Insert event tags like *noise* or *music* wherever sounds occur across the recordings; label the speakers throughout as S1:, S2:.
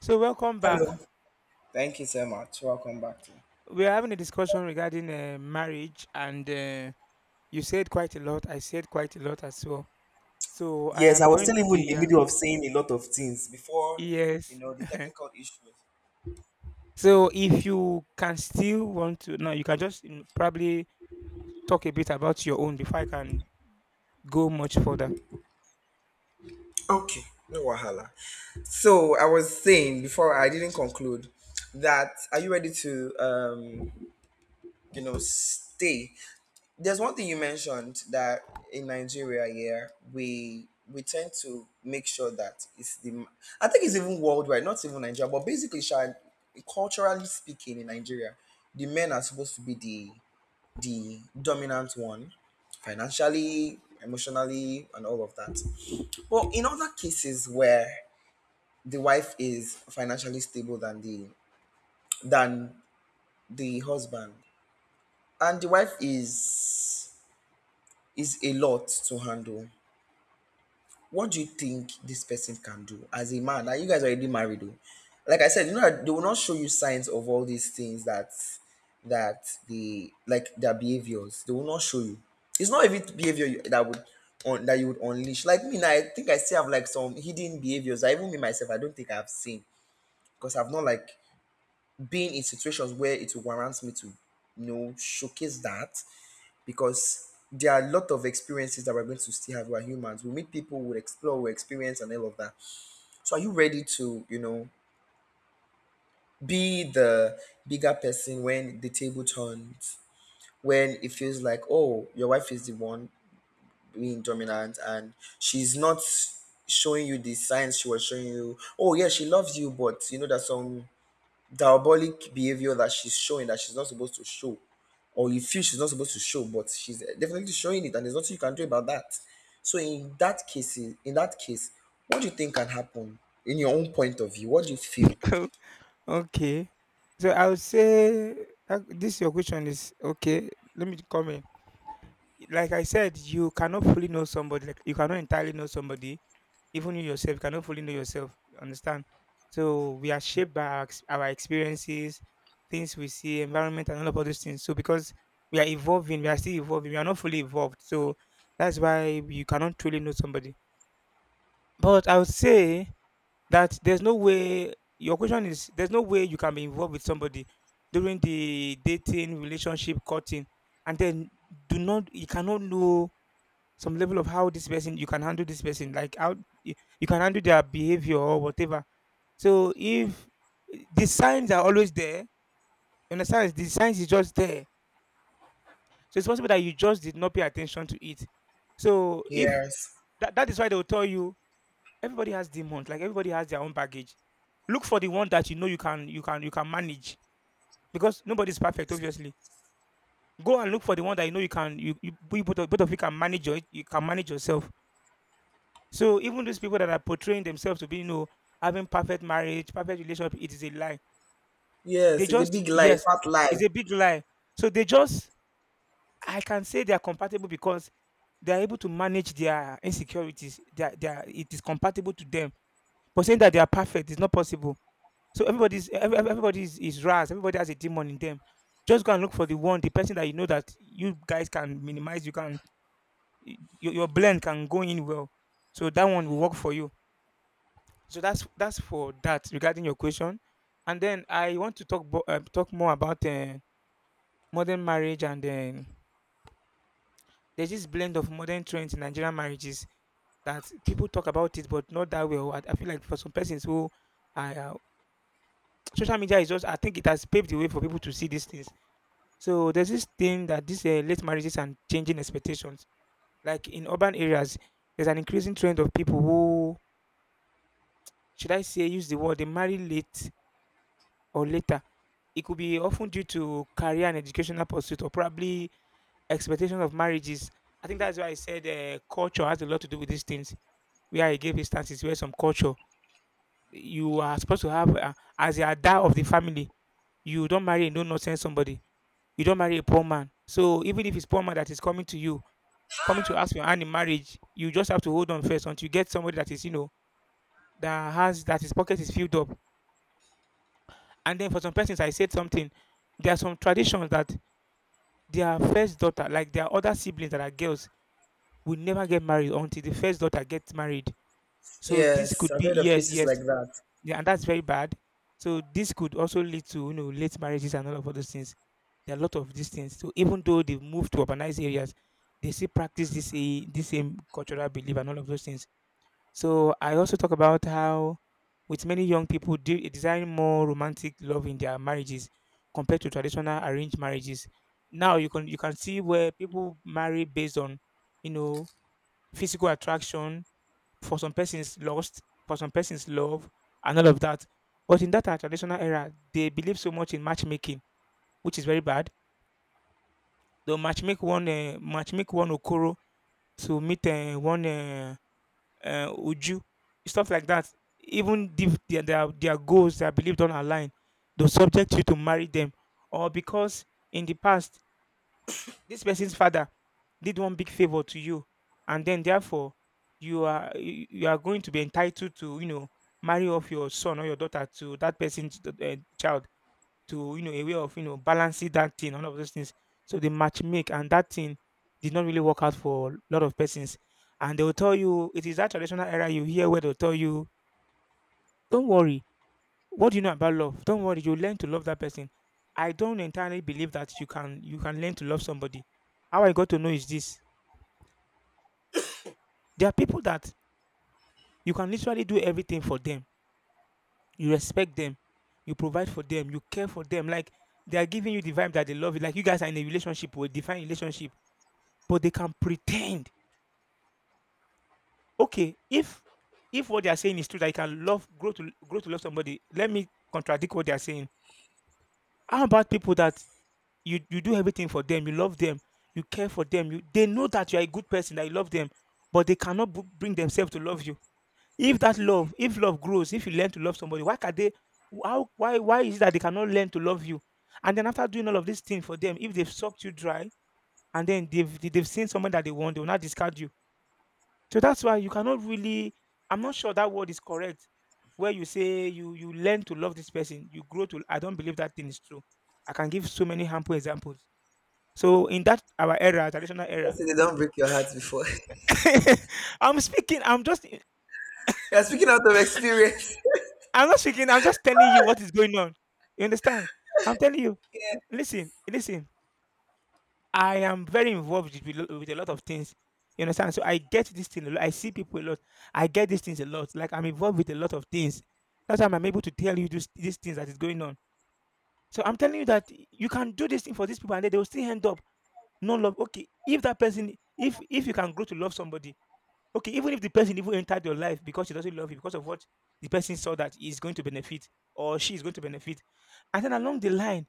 S1: So, welcome back.
S2: Hello. Thank you so much. Welcome back to.
S1: We're having a discussion regarding marriage, and you said quite a lot. I said quite a lot as well. So, I
S2: Yes, I
S1: am
S2: was
S1: going
S2: still
S1: to
S2: even
S1: be,
S2: in the
S1: yeah,
S2: middle of saying a lot of things before, you
S1: yes.
S2: know, the
S1: *laughs*
S2: technical issues.
S1: So, if you can still want to, no, you can just probably talk a bit about your own before I can go much further.
S2: Okay, no wahala. So I was saying before I didn't conclude that are you ready to you know stay? There's one thing you mentioned that in Nigeria here we tend to make sure that it's the I think it's even worldwide, not even Nigeria, but basically, sha, culturally speaking, in Nigeria, the men are supposed to be the dominant one financially, emotionally, and all of that. But in other cases where the wife is financially stable than the husband, and the wife is a lot to handle. What do you think this person can do as a man? Now you guys are already married though. Like I said, you know that they will not show you signs of all these things that they like their behaviors. They will not show you. It's not every behavior you, that would on that you would unleash. Like me, now I think I still have like some hidden behaviors. I even me myself, I don't think I've seen because I've not like been in situations where it warrants me to you know showcase that because there are a lot of experiences that we're going to still have. We're humans. We meet people, we explore, we experience, and all of that. So, are you ready to, you know, be the bigger person when the table turns? When it feels like, oh, your wife is the one being dominant and she's not showing you the signs she was showing you. Oh, yeah, she loves you, but you know, there's some diabolic behavior that she's showing that she's not supposed to show or you feel she's not supposed to show, but she's definitely showing it, and there's nothing you can do about that. So in that case, what do you think can happen in your own point of view? What do you feel?
S1: *laughs* okay. So, I would say this your question is okay. Let me come in. Like I said, you cannot fully know somebody. Like you cannot entirely know somebody. Even you yourself cannot fully know yourself. You Understand? So we are shaped by our experiences, things we see, environment, and all of all those things. So because we are evolving, we are still evolving. We are not fully evolved. So that's why you cannot truly know somebody. But I would say that there's no way. Your question is there's no way you can be involved with somebody during the dating, relationship, courting, and then do not you cannot know some level of how this person you can handle this person, like how y- you can handle their behavior or whatever. So if the signs are always there, you understand, the signs is just there. So it's possible that you just did not pay attention to it. So if
S2: Yes,
S1: that is why they will tell you everybody has demons, like everybody has their own baggage. Look for the one that you know you can you can you can manage, because nobody's perfect obviously. Go and look for the one that you know you, both of you can manage you can manage yourself. So even those people that are portraying themselves to be, you know, having perfect marriage, perfect relationship, it is a lie. They
S2: yes, it's a
S1: just
S2: big lie,
S1: yes,
S2: fat lie.
S1: it's a big lie. So they just I can say they are compatible because they are able to manage their insecurities. They are, it is compatible to them. But saying that they are perfect is not possible. So everybody is ras. Everybody has a demon in them. Just go and look for the one, the person that you know that you guys can minimize. You can your blend can go in well. So that one will work for you. So that's for that regarding your question. And then I want to talk more about modern marriage, and then there's this blend of modern trends in Nigerian marriages that people talk about, it, but not that well. I feel like for some persons who are *tsk* social media is just I think it has paved the way for people to see these things. So there's this thing that these late marriages and changing expectations, like in urban areas, there's an increasing trend of people who should I say use the word they marry late or later. It could be often due to career and educational pursuit or probably expectation of marriages. I think that's why I said culture has a lot to do with these things. Where I gave instances where some culture you are supposed to have as a dad of the family, you don't marry a no nonsense somebody. You don't marry a poor man. So even if it's poor man that is coming to you, coming to ask your hand in marriage, you just have to hold on first until you get somebody that is, you know, that has that his pocket is filled up. And then for some persons, I said something. There are some traditions that their first daughter, like their other siblings that are girls, will never get married until the first daughter gets married. So this
S2: Yes,
S1: could
S2: I've
S1: be
S2: heard of
S1: yes,
S2: cases
S1: yes,
S2: like that.
S1: yeah, and that's very bad. So this could also lead to, you know, late marriages and all of those things. There are a lot of these things. So even though they've moved to urbanized areas, they still practice this eh, this same cultural belief and all of those things. So I also talk about how, with many young people, desiring more romantic love in their marriages compared to traditional arranged marriages. Now you can see where people marry based on, you know, physical attraction. For some persons, lust. For some persons, love, and all of that. But in that our traditional era, they believe so much in matchmaking, which is very bad. They'll matchmake one okoro to meet one. Uju, stuff like that. Even if their goals, their belief don't align, they'll subject you to marry them. Or because in the past, this person's father did one big favor to you, and then therefore you are going to be entitled to, you know, marry off your son or your daughter to that person's child to, you know, a way of, you know, balancing that thing and all of those things. So they match make, and that thing did not really work out for a lot of persons. And they will tell you it is that traditional era you hear where they'll tell you, don't worry, what do you know about love? Don't worry, you learn to love that person. I don't entirely believe that you can learn to love somebody. How I got to know is this: there are people that you can literally do everything for them. You respect them, you provide for them, you care for them. Like they are giving you the vibe that they love you. Like you guys are in a relationship or a defined relationship. But they can pretend. Okay, if what they are saying is true that you can love grow to grow to love somebody, let me contradict what they are saying. How about people that you do everything for them, you love them, you care for them, you they know that you are a good person, that you love them, but they cannot bring themselves to love you. If that love, if love grows, if you learn to love somebody, why can they? How why is it that they cannot learn to love you? And then after doing all of these things for them, if they've sucked you dry and then they've seen someone that they want, they will not discard you. So that's why you cannot really I'm not sure that word is correct where you say you you learn to love this person, you grow to I don't believe that thing is true. I can give so many harmful examples. So in that our era, traditional
S2: I
S1: era,
S2: say they don't break your heart before.
S1: *laughs* I'm speaking, I'm just
S2: *laughs* You're speaking out of experience.
S1: I'm not speaking, I'm just telling you what is going on. You understand? I'm telling you, listen, listen. I am very involved with, with a lot of things. You understand? So I get this thing a lot. I see people a lot. I get these things a lot. Like I'm involved with a lot of things. That's why I'm able to tell you this, these things that is going on. So I'm telling you that you can do this thing for these people and then they will still end up no love. Okay, if that person, if you can grow to love somebody, okay, even if the person even entered your life because she doesn't love you because of what the person saw that is going to benefit or she is going to benefit, and then along the line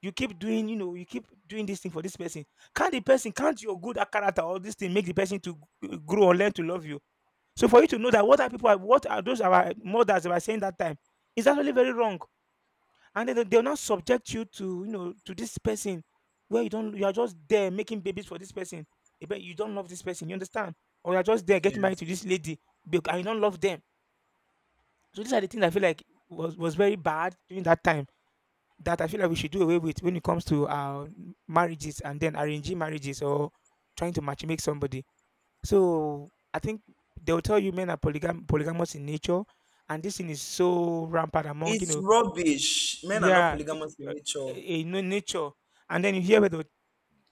S1: you keep doing, you know, you keep doing this thing for this person. Can't the person, can't your good character or this thing make the person to grow or learn to love you? So for you to know that what are what are those our mothers were saying that time is actually very wrong, and then they'll not subject you to, you know, to this person where you don't, you are just there making babies for this person, eh, but you don't love this person, you understand, or you are just there getting married to
S2: Yes,
S1: this lady bec- and you don't love them. So these are the things I feel like was very bad during that time that I feel like we should do away with when it comes to our marriages and then arranging marriages or trying to matchmake somebody. So I think they'll tell you men are polygamous in nature, and this thing is so rampant among you
S2: it's
S1: know
S2: rubbish. Men are not
S1: yeah it,
S2: polygamous in nature.
S1: you know nature. And then you hear where they'll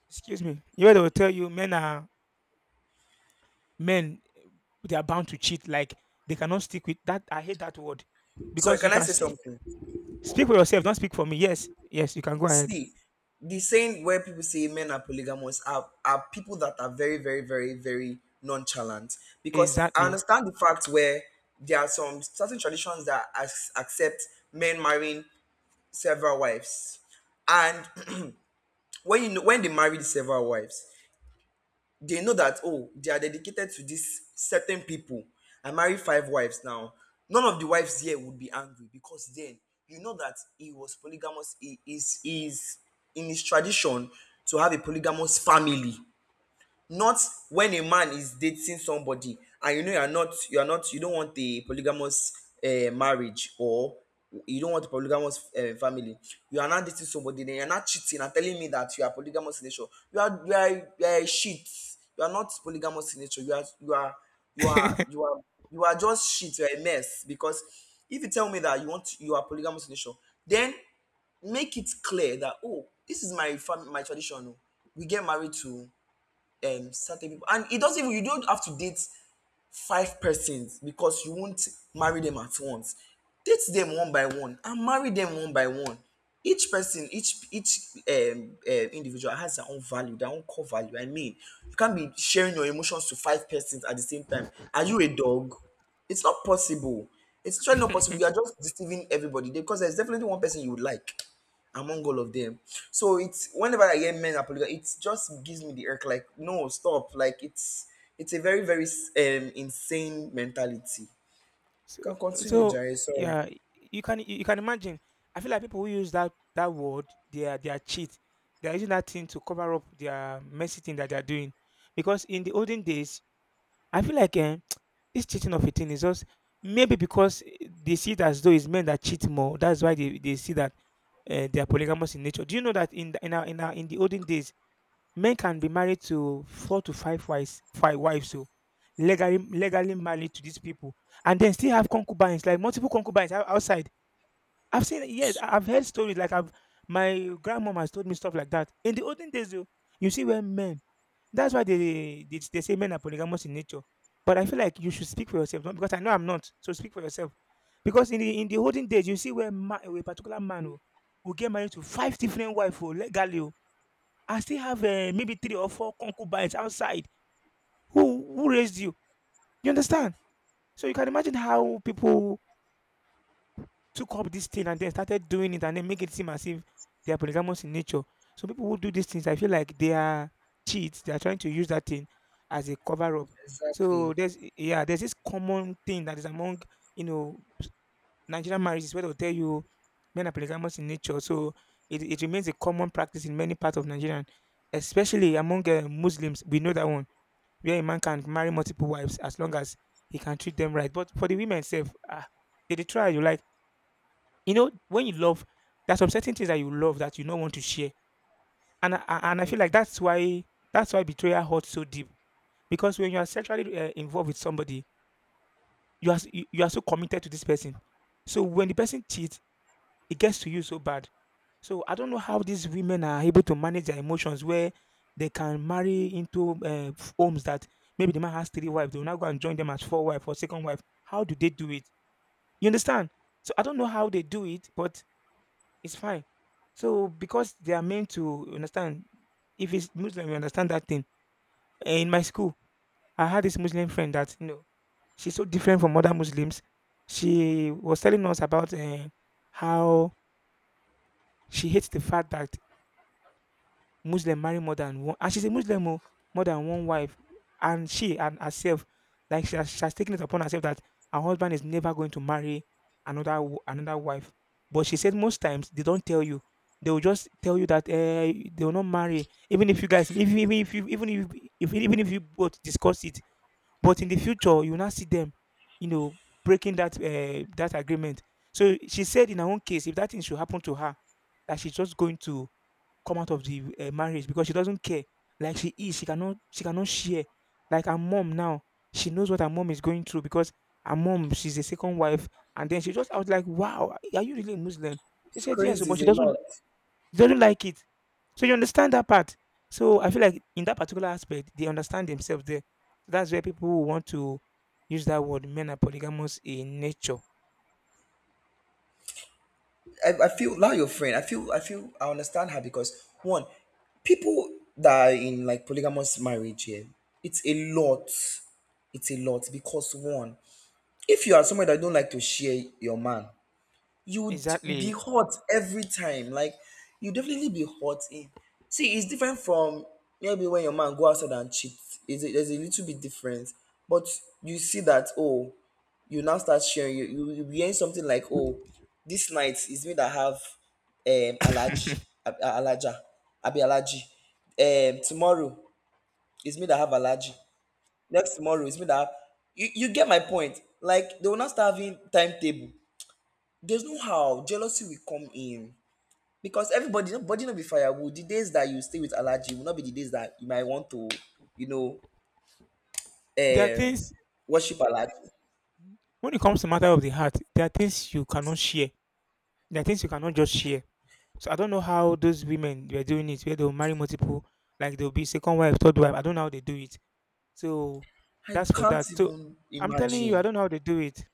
S1: excuse me, you hear they'll tell you men are men they are bound to cheat, like they cannot stick with that. I hate that word
S2: Sorry,
S1: because you
S2: can I
S1: can
S2: say
S1: stick
S2: something?
S1: Speak for yourself. Don't speak for me. Yes. Yes. You can go ahead.
S2: See, the saying where people say men are polygamous are people that are very nonchalant, because I
S1: Exactly.
S2: understand the fact where there are some certain traditions that as, accept men marrying several wives, and *clears throat* when you know when they marry the several wives, they know that, oh, they are dedicated to this certain people. I marry five wives now, none of the wives here would be angry because then you know that he was polygamous. He is in his tradition to have a polygamous family. Not when a man is dating somebody and you know you're not you don't want a polygamous marriage, or you don't want a polygamous family, you are now dating somebody, then you're not cheating and telling me that you are polygamous in nature. You are you are a shit. You are not polygamous in nature. you are you are you are
S1: *laughs*
S2: you are you are just shit. You're a mess, because if you tell me that you want you are polygamous in nature, then make it clear that, oh, this is my family, my tradition. Oh, we get married to certain people, and it doesn't even you don't have to date five persons because you won't marry them at once. Date them one by one and marry them one by one. Each person each individual has their own value, their own core value. I mean, you can't be sharing your emotions to five persons at the same time. Are you a dog? It's not possible. It's actually not possible. You are just deceiving everybody because there's definitely one person you would like among all of them. So it's whenever I hear men are polygamous, it just gives me the irk. Like, no, stop. Like, it's a very insane mentality. You
S1: so,
S2: can continue,
S1: so,
S2: Jerry. Sorry.
S1: yeah, you can imagine. I feel like people who use that word, they are cheat. They are using that thing to cover up their messy thing that they are doing, because in the olden days, I feel like *tsk* this cheating of a thing is just maybe because they see it as though it's men that cheat more. That's why they see that they are polygamous in nature. Do you know that in the, in our, in our, in the olden days, men can be married to four to five wives, so legally married to these people, and then still have concubines, like multiple concubines outside. I've seen yes, I've heard stories like I've My grandmom has told me stuff like that. In the olden days, though, you see where men, that's why they say men are polygamous in nature. But I feel like you should speak for yourself, not because I know I'm not. So speak for yourself, because in the olden days, you see where a particular man will get married to five different wives or legally, oh, and still have maybe three or four concubines outside. Who who raised you? You understand? So you can imagine how people took up this thing and then started doing it and then make it seem as if they are polygamous in nature. So people who do these things, I feel like they are cheats. They are trying to use that thing as a cover up.
S2: Exactly.
S1: So there's yeah, there's this common thing that is among you know Nigerian marriages where they'll tell you men are polygamous in nature. So it remains a common practice in many parts of Nigeria, especially among Muslims. We know that one where a man can marry multiple wives as long as he can treat them right. But for the women, self, ah, they try you like you know, when you love, there's some certain things that you love that you don't want to share, and and I feel like that's why betrayal hurts so deep because when you are sexually involved with somebody, you are so committed to this person. So when the person cheats, it gets to you so bad. So I don't know how these women are able to manage their emotions where they can marry into homes that maybe the man has three wives. They will now go and join them as four wife or second wife. How do they do it? You understand? So I don't know how they do it, but it's fine. So because they are meant to understand, if it's Muslim, you understand that thing. In my school, I had this Muslim friend that you know she's so different from other Muslims. She was telling us about how she hates the fact that Muslim marry more than one, and she's a Muslim oh, more than one wife, and she and herself, like she has taken it upon herself that her husband is never going to marry another wife. But she said most times they don't tell you. They will just tell you that, they will not marry even if you guys even if you both discuss it. But in the future, you will not see them, you know, breaking that agreement. So she said in her own case, if that thing should happen to her, that she's just going to come out of the marriage because she doesn't care. Like she cannot share. Like her mom now, she knows what her mom is going through because her mom, she's a second wife, and then she just I was like, wow, are you really a Muslim? She
S2: It's
S1: said yes,
S2: crazy.
S1: but
S2: It's
S1: she
S2: a
S1: doesn't
S2: lot.
S1: she doesn't like it. So you understand that part. So I feel like in that particular aspect, they understand themselves there. So that's where people who want to use that word, men are polygamous in nature.
S2: I feel now your friend. I feel I understand her because one, people that are in like polygamous marriage here, it's a lot. It's a lot because one, if you are someone that don't like to share your man, you would be
S1: Exactly.
S2: hot every time. Like you definitely be hot. In see, it's different from maybe when your man go outside and cheat. Is it there's a little bit different, but you see that, oh, you now start sharing. You be hearing something like, oh, this night is me that have allergy, ah, allergia, abi allergy. Tomorrow is me that have allergy. Next tomorrow is me that have. You get my point. Like they will not start having timetable there's no how jealousy will come in because everybody nobody no be firewood the days that you stay with allergy will not be the days that you might want to you know
S1: There are
S2: um
S1: things,
S2: worship allergy.
S1: when it comes to matter of the heart, there are things you cannot share. There are things you cannot just share. So I don't know how those women were doing it, where they'll marry multiple, like they'll be second wife, third wife. I don't know how they do it. So
S2: I
S1: that's for
S2: can't
S1: that. So
S2: even
S1: I'm telling you, I
S2: imagine.
S1: don't know how they do it.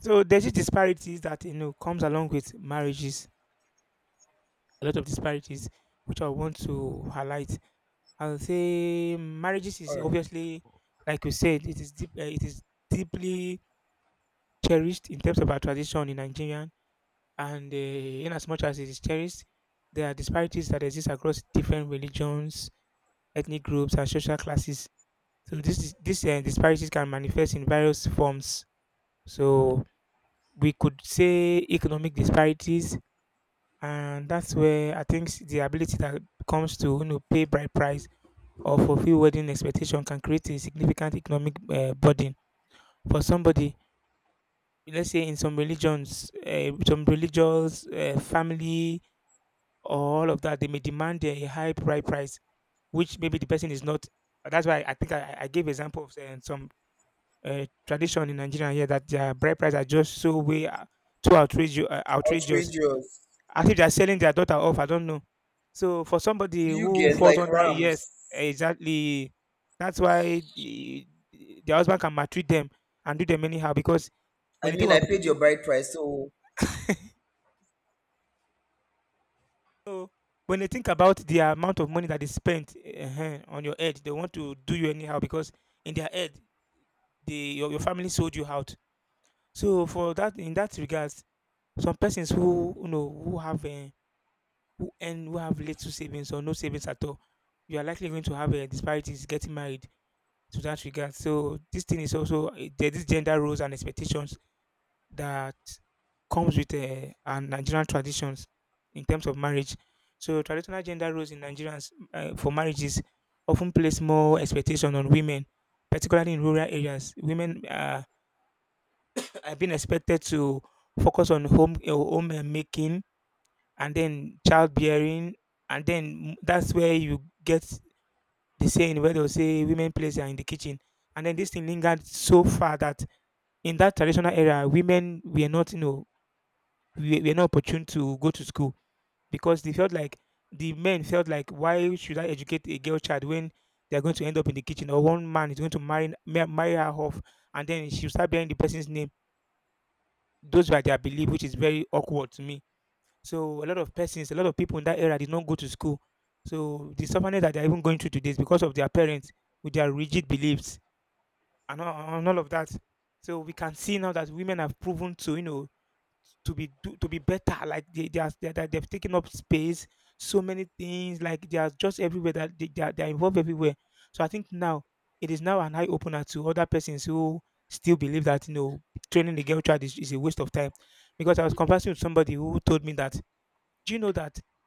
S1: So there's just disparities that comes along with marriages. A lot of disparities which I want to highlight. I'll say marriages is
S2: All right.
S1: obviously, like you said, it is deep, it is deeply cherished in terms of our tradition in Nigeria, and in as much as it is cherished, there are disparities that exist across different religions, ethnic groups, and social classes. So these disparities can manifest in various forms. So we could say economic disparities, and that's where I think the ability that comes to pay bride price or fulfill wedding expectation can create a significant economic burden for somebody. Let's say in some religions, some religious family or all of that, they may demand a high price, which maybe the person is not. That's why I think I gave example of some tradition in Nigeria here that their bride price are just so way too outrageous.
S2: Outrageous.
S1: As if they are selling their daughter off, I don't know. So for somebody
S2: Do you
S1: who
S2: get
S1: falls
S2: like
S1: under,
S2: rams?
S1: yes, exactly. That's why the husband can maltreat them and do them anyhow because when
S2: I
S1: you think
S2: mean I
S1: of it,
S2: paid your bride price, so
S1: so when they think about the amount of money that is spent on your head, they want to do you anyhow because in their head, your family sold you out. So for that, in that regards, some persons who you know who have who earn who have little savings or no savings at all, you are likely going to have disparities getting married to that regard. So this thing is also there. This gender roles and expectations that comes with our Nigerian traditions in terms of marriage. So traditional gender roles in Nigerians for marriages often place more expectation on women, particularly in rural areas. Women are being expected to focus on home making, and then childbearing, and then that's where you get the saying where they'll say women plays are in the kitchen. And then this thing lingered so far that in that traditional era, women were not, you know, we were not opportune to go to school because they felt like the men felt like why should I educate a girl child when they're going to end up in the kitchen, or one man is going to marry marry her off and then she'll start bearing the person's name. Those were their belief, which is very awkward to me. So a lot of people in that era did not go to school. So the suffering that they're even going through today is because of their parents with their rigid beliefs, and all of that. So we can see now that women have proven to, you know, to be do, to be better. Like they've taken up space, so many things. Like they are just everywhere. That they are involved everywhere. So I think now it is now an eye opener to other persons who still believe that training the girl child is a waste of time. Because I was conversing with somebody who told me that, do you know that